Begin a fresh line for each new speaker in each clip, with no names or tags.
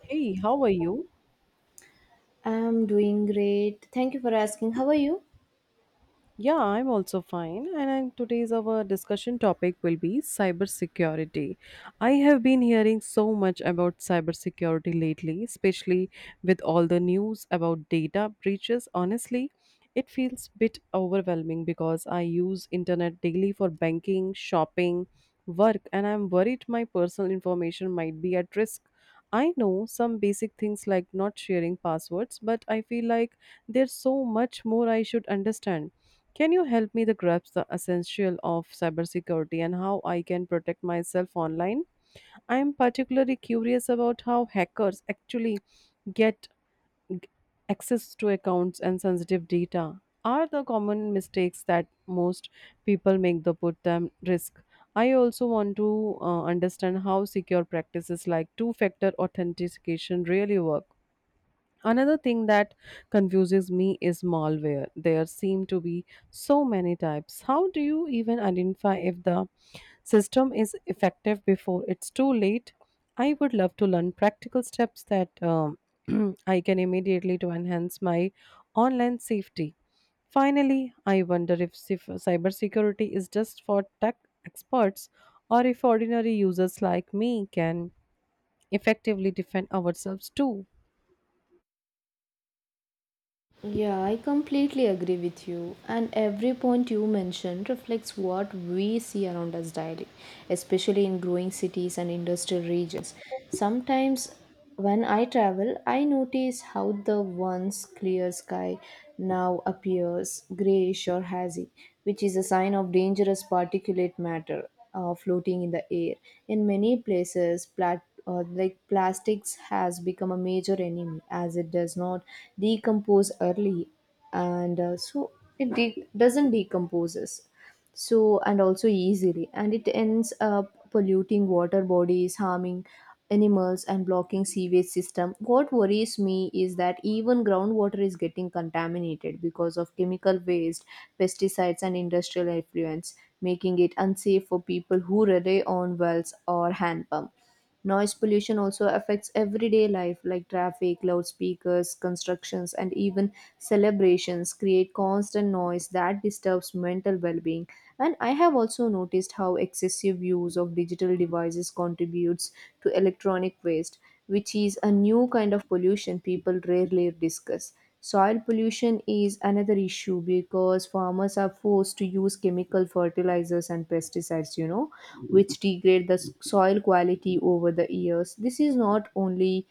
Hey, how are you?
I'm doing great. Thank you for asking. How are you?
Yeah, I'm also fine. Today's our discussion topic will be cybersecurity. I have been hearing so much about cybersecurity lately, especially with all the news about data breaches. Honestly, it feels bit overwhelming because I use internet daily for banking, shopping, work, and I'm worried my personal information might be at risk. I know some basic things like not sharing passwords, but I feel like there's so much more I should understand. Can you help me to grasp the essential of cybersecurity and how I can protect myself online? I am particularly curious about how hackers actually get g- access to accounts and sensitive data. Are the common mistakes that most people make that put them risk? I also want to understand how secure practices like two-factor authentication really work. Another thing that confuses me is malware. There seem to be so many types. How do you even identify if the system is effective before it's too late? I would love to learn practical steps that I can immediately to enhance my online safety. Finally, I wonder if cybersecurity is just for tech experts or if ordinary users like me can effectively defend ourselves too.
Yeah, I completely agree with you. And every point you mentioned reflects what we see around us daily, especially in growing cities and industrial regions. Sometimes when I travel, I notice how the once clear sky now appears grayish or hazy, which is a sign of dangerous particulate matter floating in the air. In many places, plastics has become a major enemy as it does not decompose early, and doesn't decomposes so and also easily, and it ends up polluting water bodies, harming animals and blocking sewage system. What worries me is that even groundwater is getting contaminated because of chemical waste, pesticides, and industrial effluents, making it unsafe for people who rely on wells or hand pump. Noise pollution also affects everyday life like traffic, loudspeakers, constructions, and even celebrations create constant noise that disturbs mental well being. And I have also noticed how excessive use of digital devices contributes to electronic waste, which is a new kind of pollution people rarely discuss. Soil pollution is another issue because farmers are forced to use chemical fertilizers and pesticides, you know, which degrade the soil quality over the years. This is not only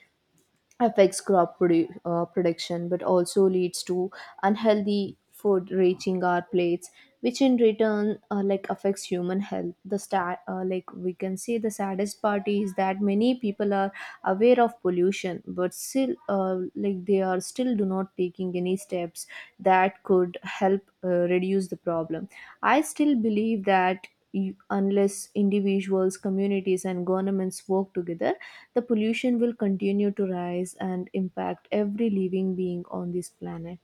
affects crop production but also leads to unhealthy food reaching our plates, which in return affects human health. The stat like we can say the saddest part is that many people are aware of pollution but still like they are still do not taking any steps that could help reduce the problem. I still believe that unless individuals, communities, and governments work together, the pollution will continue to rise and impact every living being on this planet.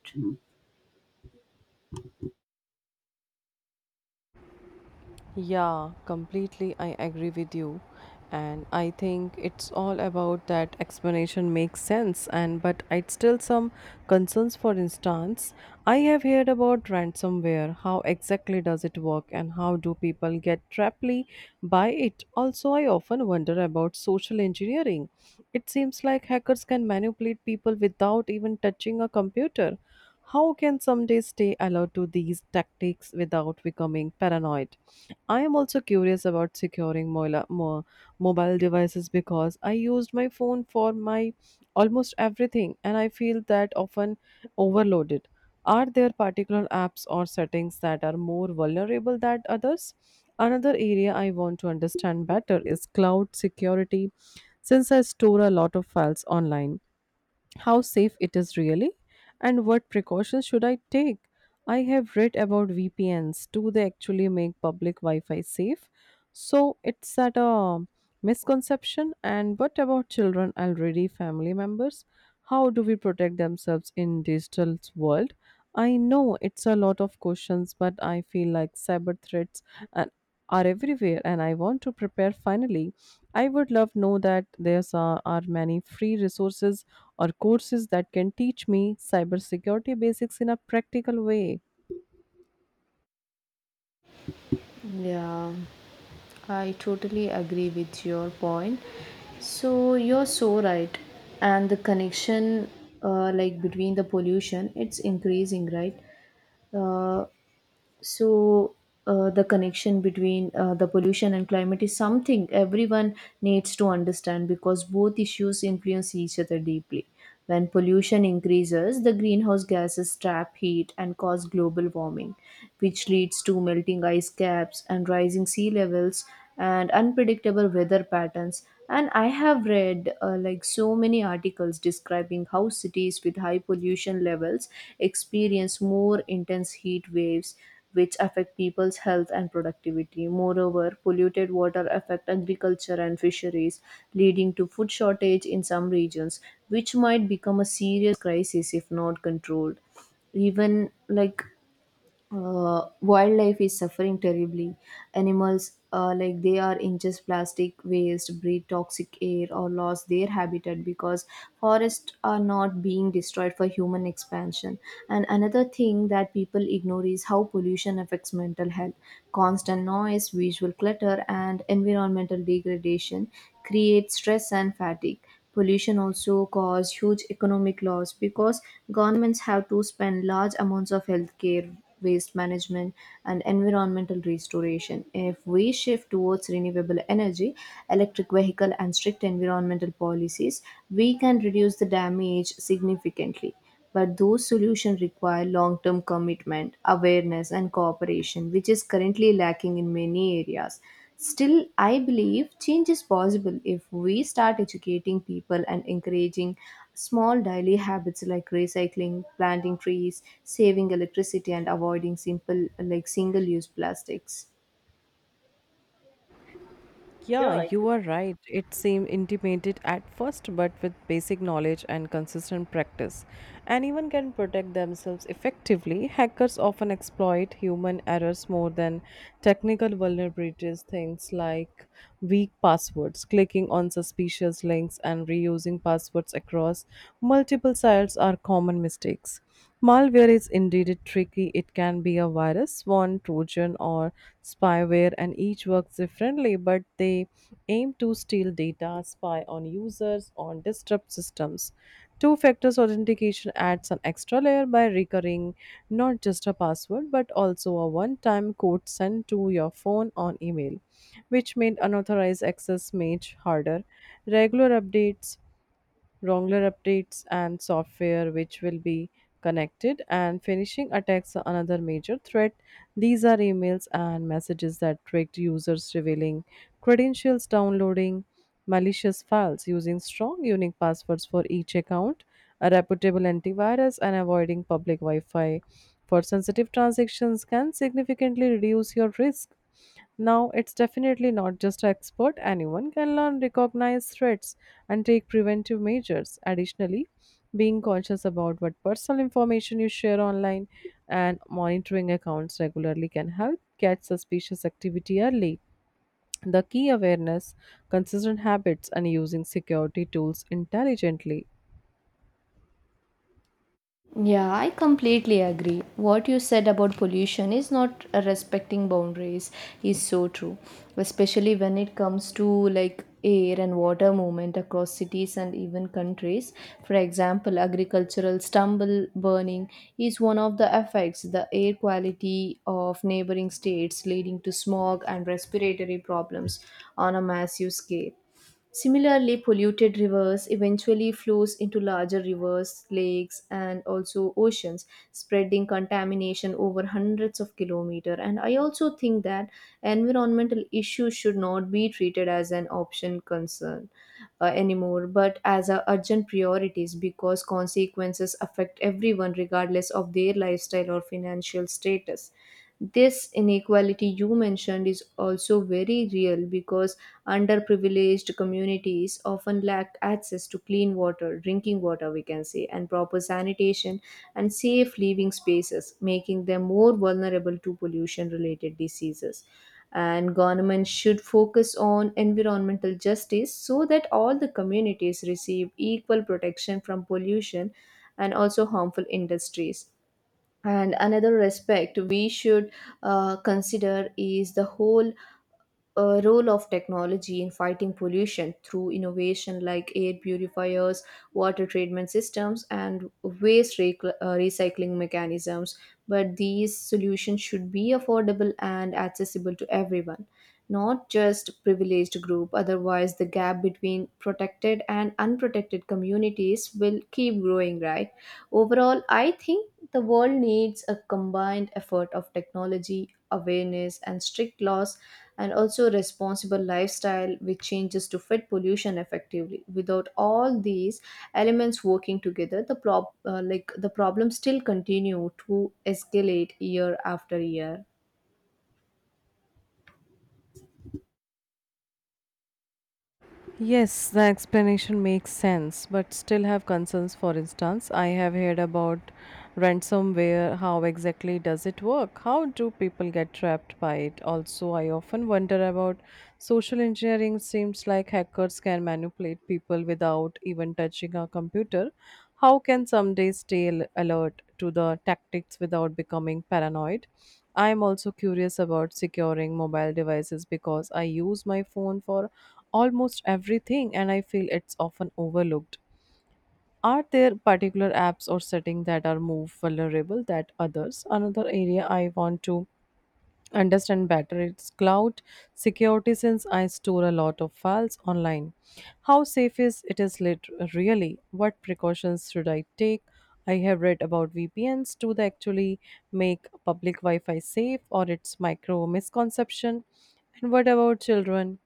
Yeah, completely. I agree with you. And I think it's all about that explanation makes sense. And but I'd still some concerns. For instance, I have heard about ransomware. How exactly does it work and how do people get traply by it? Also, I often wonder about social engineering. It seems like hackers can manipulate people without even touching a computer. How can someday stay alert to these tactics without becoming paranoid? I am also curious about securing mobile devices because I used my phone for my almost everything and I feel that often overloaded. Are there particular apps or settings that are more vulnerable than others? Another area I want to understand better is cloud security since I store a lot of files online. How safe it is really and what precautions should I take. I have read about VPNs. Do they actually make public Wi Fi safe? So it's at a misconception. And what about children already family members? How do we protect themselves in digital world? I know it's a lot of questions, but I feel like cyber threats and are everywhere and I want to prepare finally. I would love know that there are many free resources or courses that can teach me cybersecurity basics in a practical way.
Yeah, I totally agree with your point. So you're so right. And the connection, between the pollution, it's increasing, right? Uh, so the connection between the pollution and climate is something everyone needs to understand because both issues influence each other deeply. When pollution increases, the greenhouse gases trap heat and cause global warming, which leads to melting ice caps and rising sea levels and unpredictable weather patterns. And I have read so many articles describing how cities with high pollution levels experience more intense heat waves, which affect people's health and productivity. Moreover, polluted water affect agriculture and fisheries, leading to food shortage in some regions, which might become a serious crisis if not controlled. Even like wildlife is suffering terribly. Animals, they are ingest plastic waste, breathe toxic air, or lost their habitat because forests are not being destroyed for human expansion. And another thing that people ignore is how pollution affects mental health. Constant noise, visual clutter, and environmental degradation create stress and fatigue. Pollution also cause huge economic loss because governments have to spend large amounts of health care, waste management, and environmental restoration. If we shift towards renewable energy, electric vehicle, and strict environmental policies, we can reduce the damage significantly. But those solutions require long term commitment, awareness, and cooperation, which is currently lacking in many areas. Still, I believe change is possible if we start educating people and encouraging small daily habits like recycling, planting trees, saving electricity, and avoiding simple like single use plastics.
Yeah,
Yeah,
you are right. It seemed intimidated at first, but with basic knowledge and consistent practice, anyone can protect themselves effectively. Hackers often exploit human errors more than technical vulnerabilities. Things like weak passwords, clicking on suspicious links, and reusing passwords across multiple sites are common mistakes. Malware is indeed tricky. It can be a virus, swan, trojan, or spyware, and each works differently, but they aim to steal data, spy on users, or disrupt systems. Two factor authentication adds an extra layer by recurring not just a password but also a one time code sent to your phone or email, which made unauthorized access much harder. Regular updates, wrongler updates, and software which will be connected and phishing attacks are another major threat. These are emails and messages that tricked users revealing credentials, downloading malicious files. Using strong, unique passwords for each account, a reputable antivirus, and avoiding public Wi Fi for sensitive transactions can significantly reduce your risk. Now, it's definitely not just expert. Anyone can learn, recognize threats, and take preventive measures. Additionally, being conscious about what personal information you share online and monitoring accounts regularly can help catch suspicious activity early. The key awareness, consistent habits, and using security tools intelligently.
Yeah, I completely agree. What you said about pollution is not respecting boundaries is so true, especially when it comes to like air and water movement across cities and even countries. For example, agricultural stubble burning is one of the effects the air quality of neighboring states, leading to smog and respiratory problems on a massive scale. Similarly, polluted rivers eventually flows into larger rivers, lakes, and also oceans, spreading contamination over hundreds of kilometers. And I also think that environmental issues should not be treated as an option concern anymore, but as a urgent priorities because consequences affect everyone regardless of their lifestyle or financial status. This inequality you mentioned is also very real because underprivileged communities often lack access to clean water, drinking water, we can say, and proper sanitation and safe living spaces, making them more vulnerable to pollution related diseases. And government should focus on environmental justice so that all the communities receive equal protection from pollution and also harmful industries. And another aspect we should consider is the whole role of technology in fighting pollution through innovation like air purifiers, water treatment systems, and waste recycling mechanisms. But these solutions should be affordable and accessible to everyone, not just privileged group. Otherwise, the gap between protected and unprotected communities will keep growing. Right? Overall, I think the world needs a combined effort of technology, awareness, and strict laws and also responsible lifestyle with changes to fit pollution effectively. Without all these elements working together, the problem still continue to escalate year after year.
Yes, the explanation makes sense, but still have concerns. For instance, I have heard about ransomware. How exactly does it work? How do people get trapped by it? Also, I often wonder about social engineering. Seems like hackers can manipulate people without even touching a computer. How can someday alert to the tactics without becoming paranoid? I'm also curious about securing mobile devices because I use my phone for almost everything and I feel it's often overlooked. Are there particular apps or settings that are more vulnerable than others? Another area I want to understand better is cloud security since I store a lot of files online. How safe is it is lit- really, what precautions should I take? I have read about VPNs. Do they actually make public Wi-Fi safe or it's micro misconception? And what about children,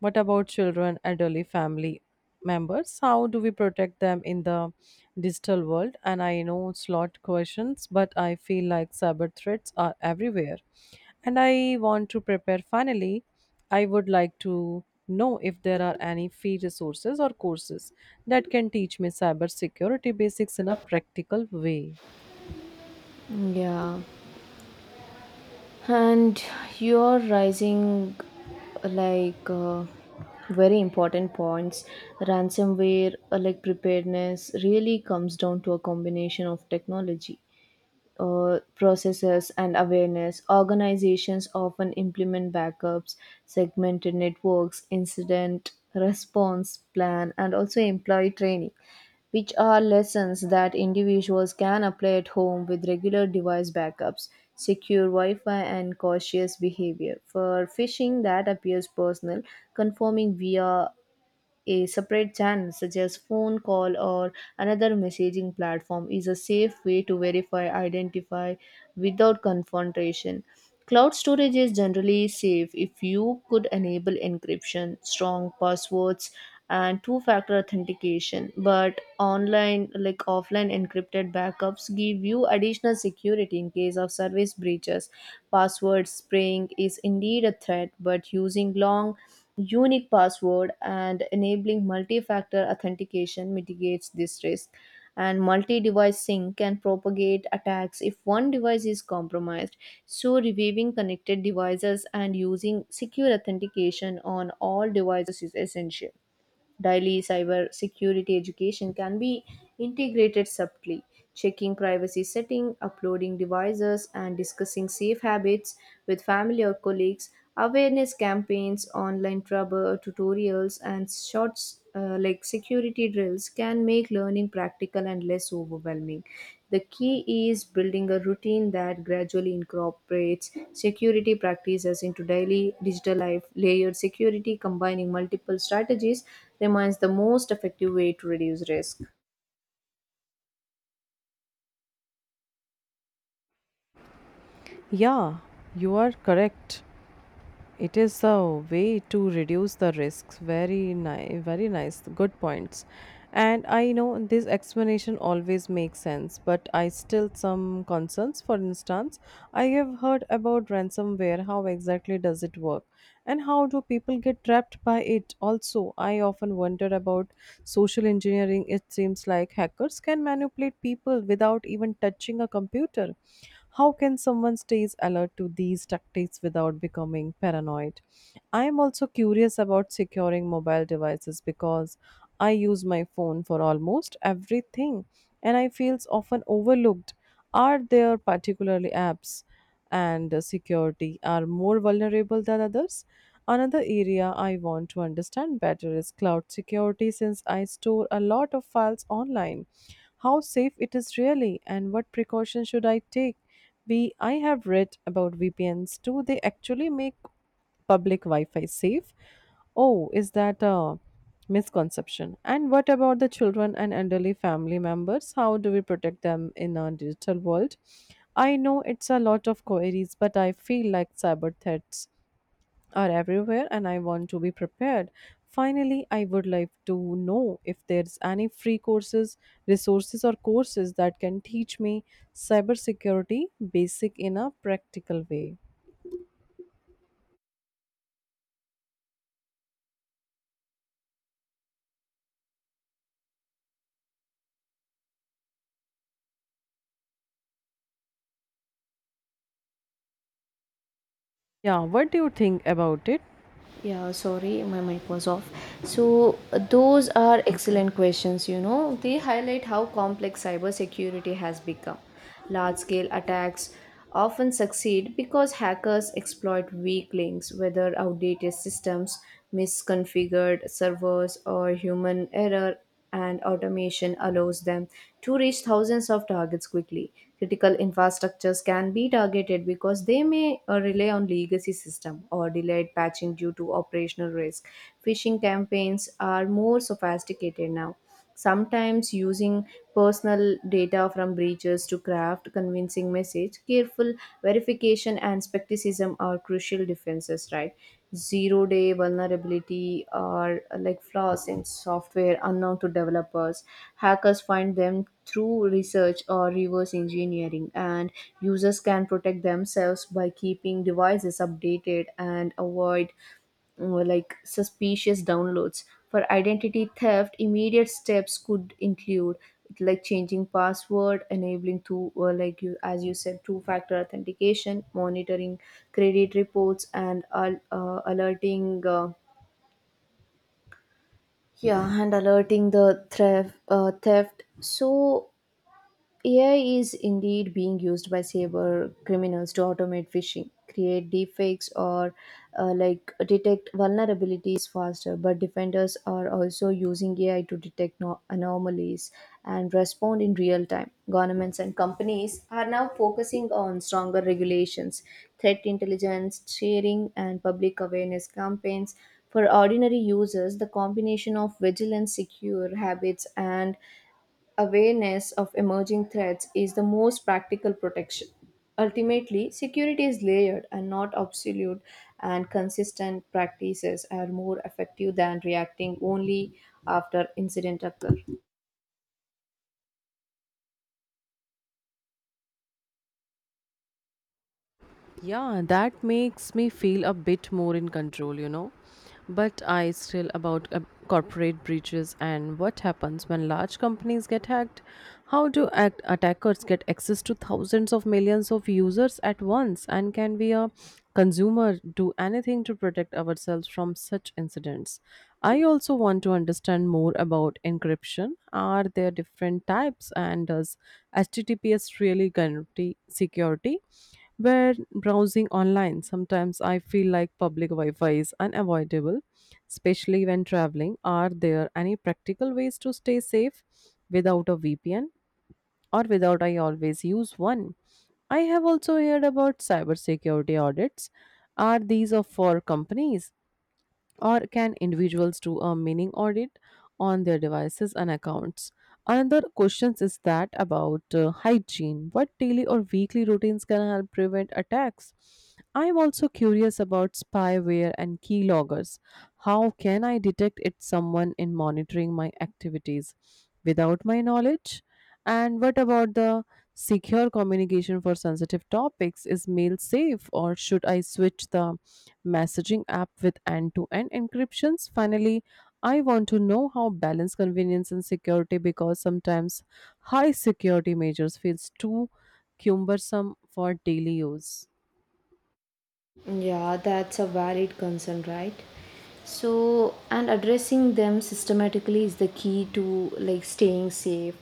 elderly family members? How do we protect them in the digital world? And I know it's lot questions, but I feel like cyber threats are everywhere. And I want to prepare finally. I would like to know if there are any free resources or courses that can teach me cyber security basics in a practical way.
Yeah, and you're rising like uh, very important points. Ransomware, preparedness, really comes down to a combination of technology, processes, and awareness. Organizations often implement backups, segmented networks, incident response plan, and also employee training, which are lessons that individuals can apply at home with regular device backups, secure Wi Fi, and cautious behavior. For phishing that appears personal, confirming via a separate channel, such as phone call or another messaging platform, is a safe way to verify identify without confrontation. Cloud storage is generally safe if you could enable encryption, strong passwords, and two factor authentication. But online, like offline encrypted backups, give you additional security in case of service breaches. Password spraying is indeed a threat, but using long unique password and enabling multi-factor authentication mitigates this risk. And multi-device sync can propagate attacks if one device is compromised, so reviewing connected devices and using secure authentication on all devices is essential. Daily cyber security education can be integrated subtly, checking privacy setting, uploading devices, and discussing safe habits with family or colleagues. Awareness campaigns, online trouble tutorials, and short security drills can make learning practical and less overwhelming. The key is building a routine that gradually incorporates security practices into daily digital life. Layered security combining multiple strategies remains the most effective way to reduce risk.
Yeah, you are correct. It is a way to reduce the risks. Very nice, very nice. Good points. And I know this explanation always makes sense, but I still some concerns. For instance, I have heard about ransomware. How exactly does it work? And how do people get trapped by it? Also, I often wonder about social engineering. It seems like hackers can manipulate people without even touching a computer. How can someone stays alert to these tactics without becoming paranoid? I am also curious about securing mobile devices because I use my phone for almost everything and I feel often overlooked. Are there particularly apps and security are more vulnerable than others. Another area I want to understand better is cloud security since I store a lot of files online. How safe it is really and what precautions should I take? We I have read about VPNs. Do they actually make public Wi-Fi safe? Oh, is that a misconception? And what about the children and elderly family members? How do we protect them in a digital world? I know it's a lot of queries, but I feel like cyber threats are everywhere and I want to be prepared. Finally, I would like to know if there's any free courses, resources, or courses that can teach me cybersecurity basic in a practical way. Yeah, what do you think about it?
Yeah, sorry, my mic was off. So, those are
Okay.
excellent questions, you know. They highlight how complex cybersecurity has become. Large scale attacks often succeed because hackers exploit weak links, whether outdated systems, misconfigured servers, or human error, and automation allows them to reach thousands of targets quickly. Critical infrastructures can be targeted because they may rely on legacy system or delayed patching due to operational risk. Phishing campaigns are more sophisticated now, sometimes using personal data from breaches to craft convincing message. Careful verification and skepticism are crucial defenses, right? Zero day vulnerability are flaws in software unknown to developers. Hackers find them through research or reverse engineering, and users can protect themselves by keeping devices updated and avoid suspicious downloads. For identity theft, immediate steps could include like changing password, enabling two or like you as you said two factor authentication, monitoring credit reports, and alerting. Yeah, and alerting the theft. So AI is indeed being used by cyber criminals to automate phishing, create deepfakes, or detect vulnerabilities faster. But defenders are also using AI to detect anomalies and respond in real time. Governments and companies are now focusing on stronger regulations, threat intelligence sharing, and public awareness campaigns. For ordinary users, the combination of vigilant, secure habits, and awareness of emerging threats is the most practical protection. Ultimately, security is layered and not absolute, and consistent practices are more effective than reacting only after incident occur.
Yeah, that makes me feel a bit more in control, you know. But I still about corporate breaches and what happens when large companies get hacked? How do attackers get access to thousands of millions of users at once? And can we, a consumer, do anything to protect ourselves from such incidents? I also want to understand more about encryption. Are there different types, and does HTTPS really guarantee security? Where browsing online, sometimes I feel like public Wi Fi is unavoidable, especially when traveling. Are there any practical ways to stay safe without a VPN or without I always use one? I have also heard about cybersecurity audits. Are these are for companies or can individuals do a mini audit on their devices and accounts? Another question is that about hygiene. What daily or weekly routines can help prevent attacks? I am also curious about spyware and keyloggers. How can I detect it's someone in monitoring my activities without my knowledge? And what about the secure communication for sensitive topics? Is mail safe or should I switch the messaging app with end to end encryptions? Finally, I want to know how balance convenience and security because sometimes high security measures feels too cumbersome for daily use.
Yeah, that's a valid concern, right? So, and addressing them systematically is the key to like staying safe.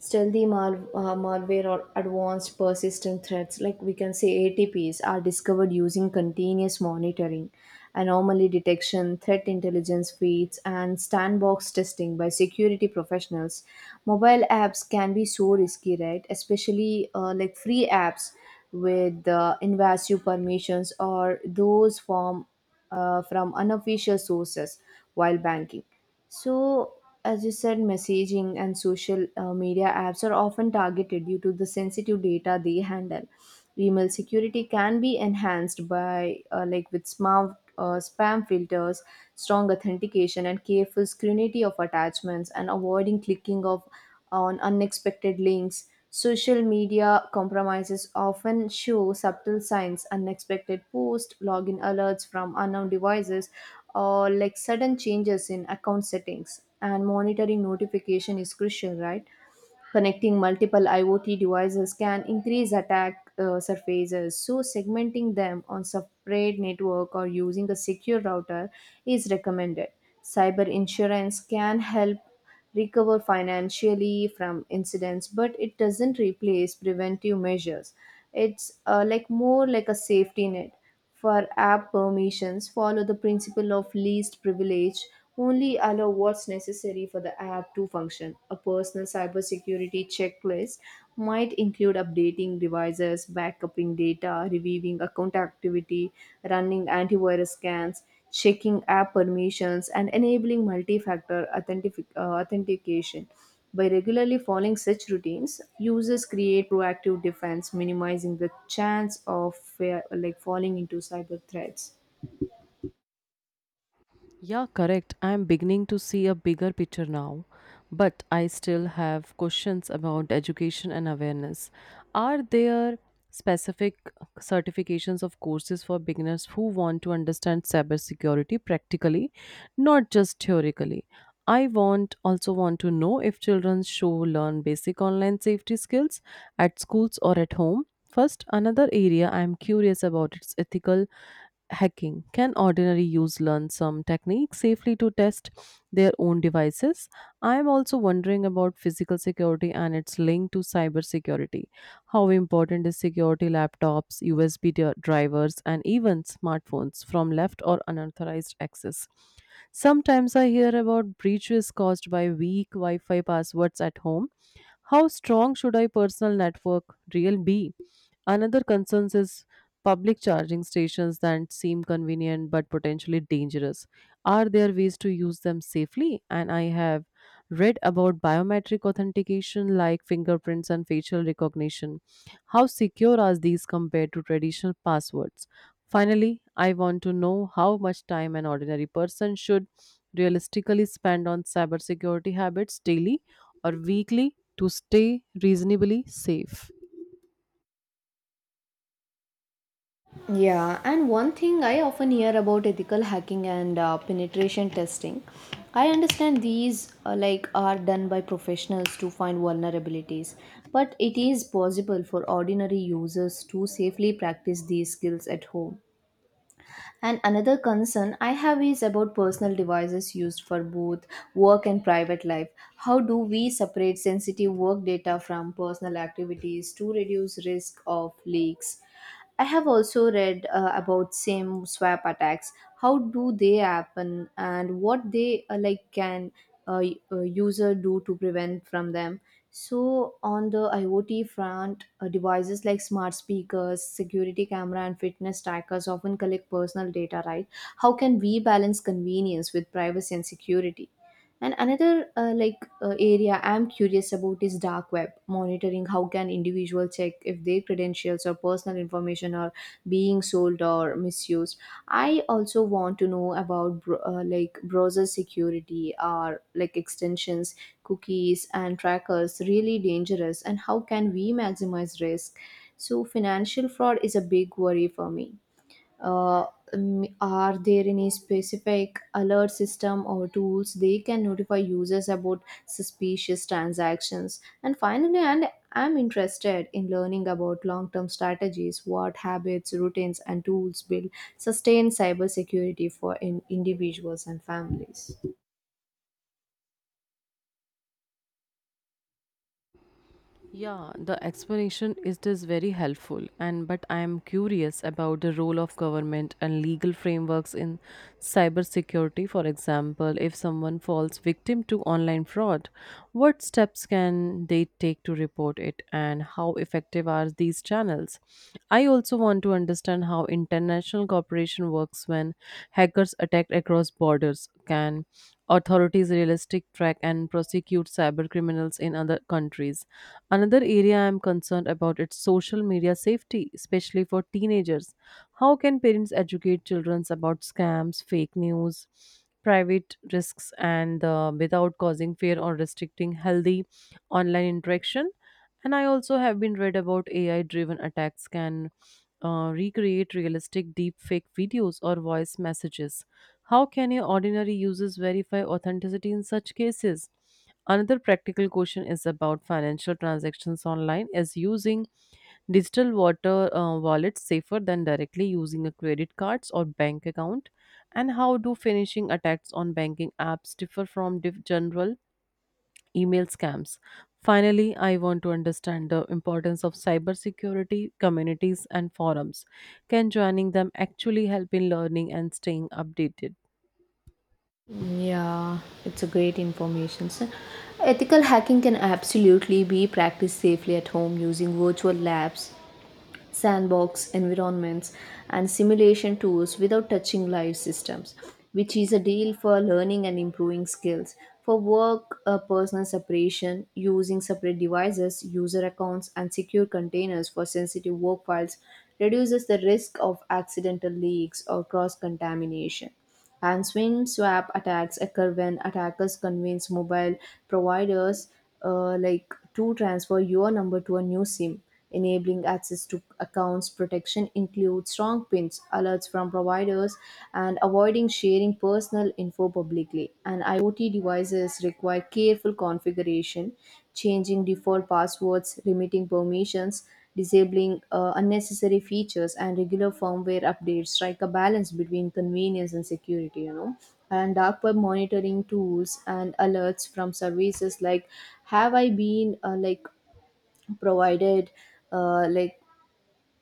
Stealthy malware or advanced persistent threats, like we can say ATPs, are discovered using continuous monitoring, anomaly detection, threat intelligence feeds, and sandbox testing by security professionals. Mobile apps can be so risky, right? Especially free apps with invasive permissions or those from unofficial sources while banking. So, as you said, messaging and social media apps are often targeted due to the sensitive data they handle. Email security can be enhanced by with smart spam filters, strong authentication, and careful scrutiny of attachments, and avoiding clicking of on unexpected links. Social media compromises often show subtle signs: unexpected posts, login alerts from unknown devices, or like sudden changes in account settings, and monitoring notification is crucial, right? Connecting multiple IoT devices can increase attack surfaces, so segmenting them on separate network or using a secure router is recommended. Cyber insurance can help recover financially from incidents, but it doesn't replace preventive measures. It's more like a safety net. For app permissions, follow the principle of least privilege, only allow what's necessary for the app to function. A personal cybersecurity checklist might include updating devices, backupping data, reviewing account activity, running antivirus scans, checking app permissions, and enabling multi factor authentication. By regularly following such routines, users create proactive defense, minimizing the chance of falling into cyber threats.
Yeah, correct. I'm beginning to see a bigger picture now, but I still have questions about education and awareness. Are there specific certifications of courses for beginners who want to understand cybersecurity practically, not just theoretically? I want to know if children show learn basic online safety skills at schools or at home. First, another area I'm curious about is ethical hacking. Can ordinary users learn some techniques safely to test their own devices? I am also wondering about physical security and its link to cyber security. How important is security laptops, drivers, and even smartphones from left or unauthorized access? Sometimes I hear about breaches caused by weak Wi Fi passwords at home. How strong should I personal network real be? Another concern is public charging stations that seem convenient but potentially dangerous. Are there ways to use them safely? And I have read about biometric authentication like fingerprints and facial recognition. How secure are these compared to traditional passwords? Finally, I want to know how much time an ordinary person should realistically spend on cybersecurity habits daily or weekly to stay reasonably safe.
Yeah, and one thing I often hear about ethical hacking and penetration testing, I understand these are done by professionals to find vulnerabilities, but it is possible for ordinary users to safely practice these skills at home. And another concern I have is about personal devices used for both work and private life. How do we separate sensitive work data from personal activities to reduce risk of leaks? I have also read about SIM swap attacks. How do they happen and what they can user do to prevent from them? So on the IoT front, devices like smart speakers, security camera, and fitness trackers often collect personal data, right? How can we balance convenience with privacy and security? And another area I'm curious about is dark web monitoring. How can individuals check if their credentials or personal information are being sold or misused? I also want to know about browser security or like extensions, cookies, and trackers really dangerous and how can we maximize risk? So financial fraud is a big worry for me. Uh, are there any specific alert system or tools they can notify users about suspicious transactions? And finally, and I'm interested in learning about long-term strategies, what habits, routines, and tools will sustain cybersecurity for in individuals and families.
Yeah, the explanation is this very helpful and but I am curious about the role of government and legal frameworks in cybersecurity. For example, if someone falls victim to online fraud, what steps can they take to report it and how effective are these channels? I also want to understand how international cooperation works when hackers attack across borders. Can authorities realistic track and prosecute cyber criminals in other countries? Another area I am concerned about is social media safety, especially for teenagers. How can parents educate children about scams, fake news, private risks, and without causing fear or restricting healthy online interaction? And I also have been read about AI driven attacks can recreate realistic deepfake videos or voice messages. How can your ordinary users verify authenticity in such cases? Another practical question is about financial transactions online. Is using digital water wallets safer than directly using a credit cards or bank account? And how do phishing attacks on banking apps differ from general email scams? Finally, I want to understand the importance of cybersecurity communities and forums. Can joining them actually help in learning and staying updated?
Yeah, it's a great information, sir. Ethical hacking can absolutely be practiced safely at home using virtual labs, sandbox environments, and simulation tools without touching live systems, which is a deal for learning and improving skills. For work, a personal separation using separate devices, user accounts, and secure containers for sensitive work files reduces the risk of accidental leaks or cross contamination. And SWIN swap attacks occur when attackers convince mobile providers to transfer your number to a new SIM. Enabling access to accounts protection includes strong pins, alerts from providers, and avoiding sharing personal info publicly. And IoT devices require careful configuration, changing default passwords, limiting permissions, disabling unnecessary features, and regular firmware updates strike a balance between convenience and security, you know. And dark web monitoring tools and alerts from services like Have I Been provided uh, like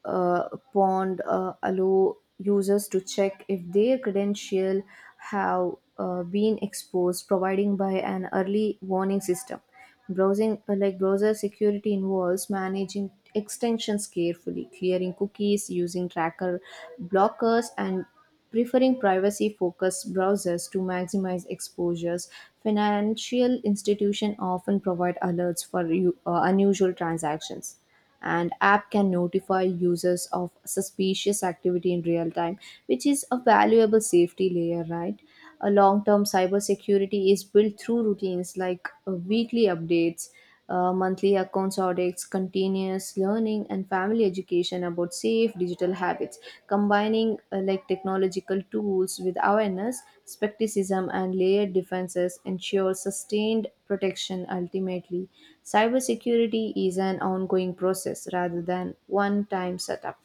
uh, pond allow users to check if their credential have been exposed, providing by an early warning system. Browsing browser security involves managing extensions carefully, clearing cookies, using tracker blockers, and preferring privacy focused browsers to maximize exposures. Financial institutions often provide alerts for unusual transactions, and app can notify users of suspicious activity in real time, which is a valuable safety layer, right? A long term cybersecurity is built through routines like weekly updates, monthly accounts audits, continuous learning, and family education about safe digital habits. Combining technological tools with awareness, skepticism, and layered defenses ensure sustained protection. Ultimately, cybersecurity is an ongoing process rather than one time setup.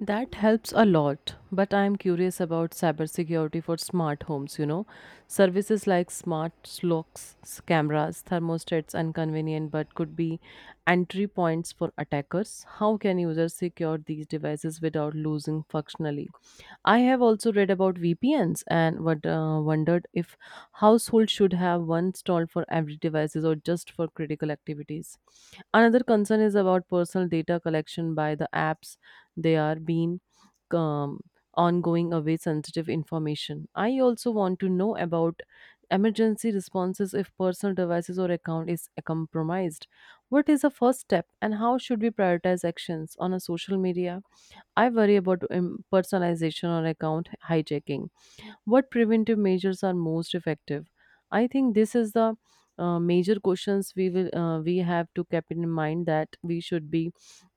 That helps a lot, but I am curious about cybersecurity for smart homes, you know. Services like smart locks, cameras, thermostats and convenient but could be entry points for attackers. How can users secure these devices without losing functionally? I have also read about VPNs and what wondered if households should have one installed for every devices or just for critical activities. Another concern is about personal data collection by the apps. They are being um, ongoing away sensitive information. I also want to know about emergency responses if personal devices or account is compromised. What is the first step and how should we prioritize actions on a social media? I worry about personalization or account hijacking. What preventive measures are most effective? I think this is the major questions we will we have to keep in mind that we should be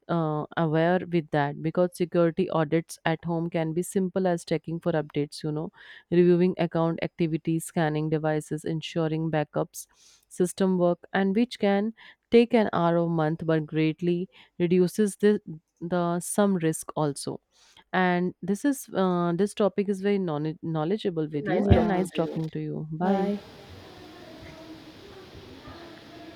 aware with that. Because security audits at home can be simple as checking for updates, you know, reviewing account activity, scanning devices, ensuring backups system work, and which can take an hour a month but greatly reduces the some risk also. And this is this topic is very knowledgeable with you
Nice
and
yeah talking
nice
to you.
talking to you. Bye.
Bye.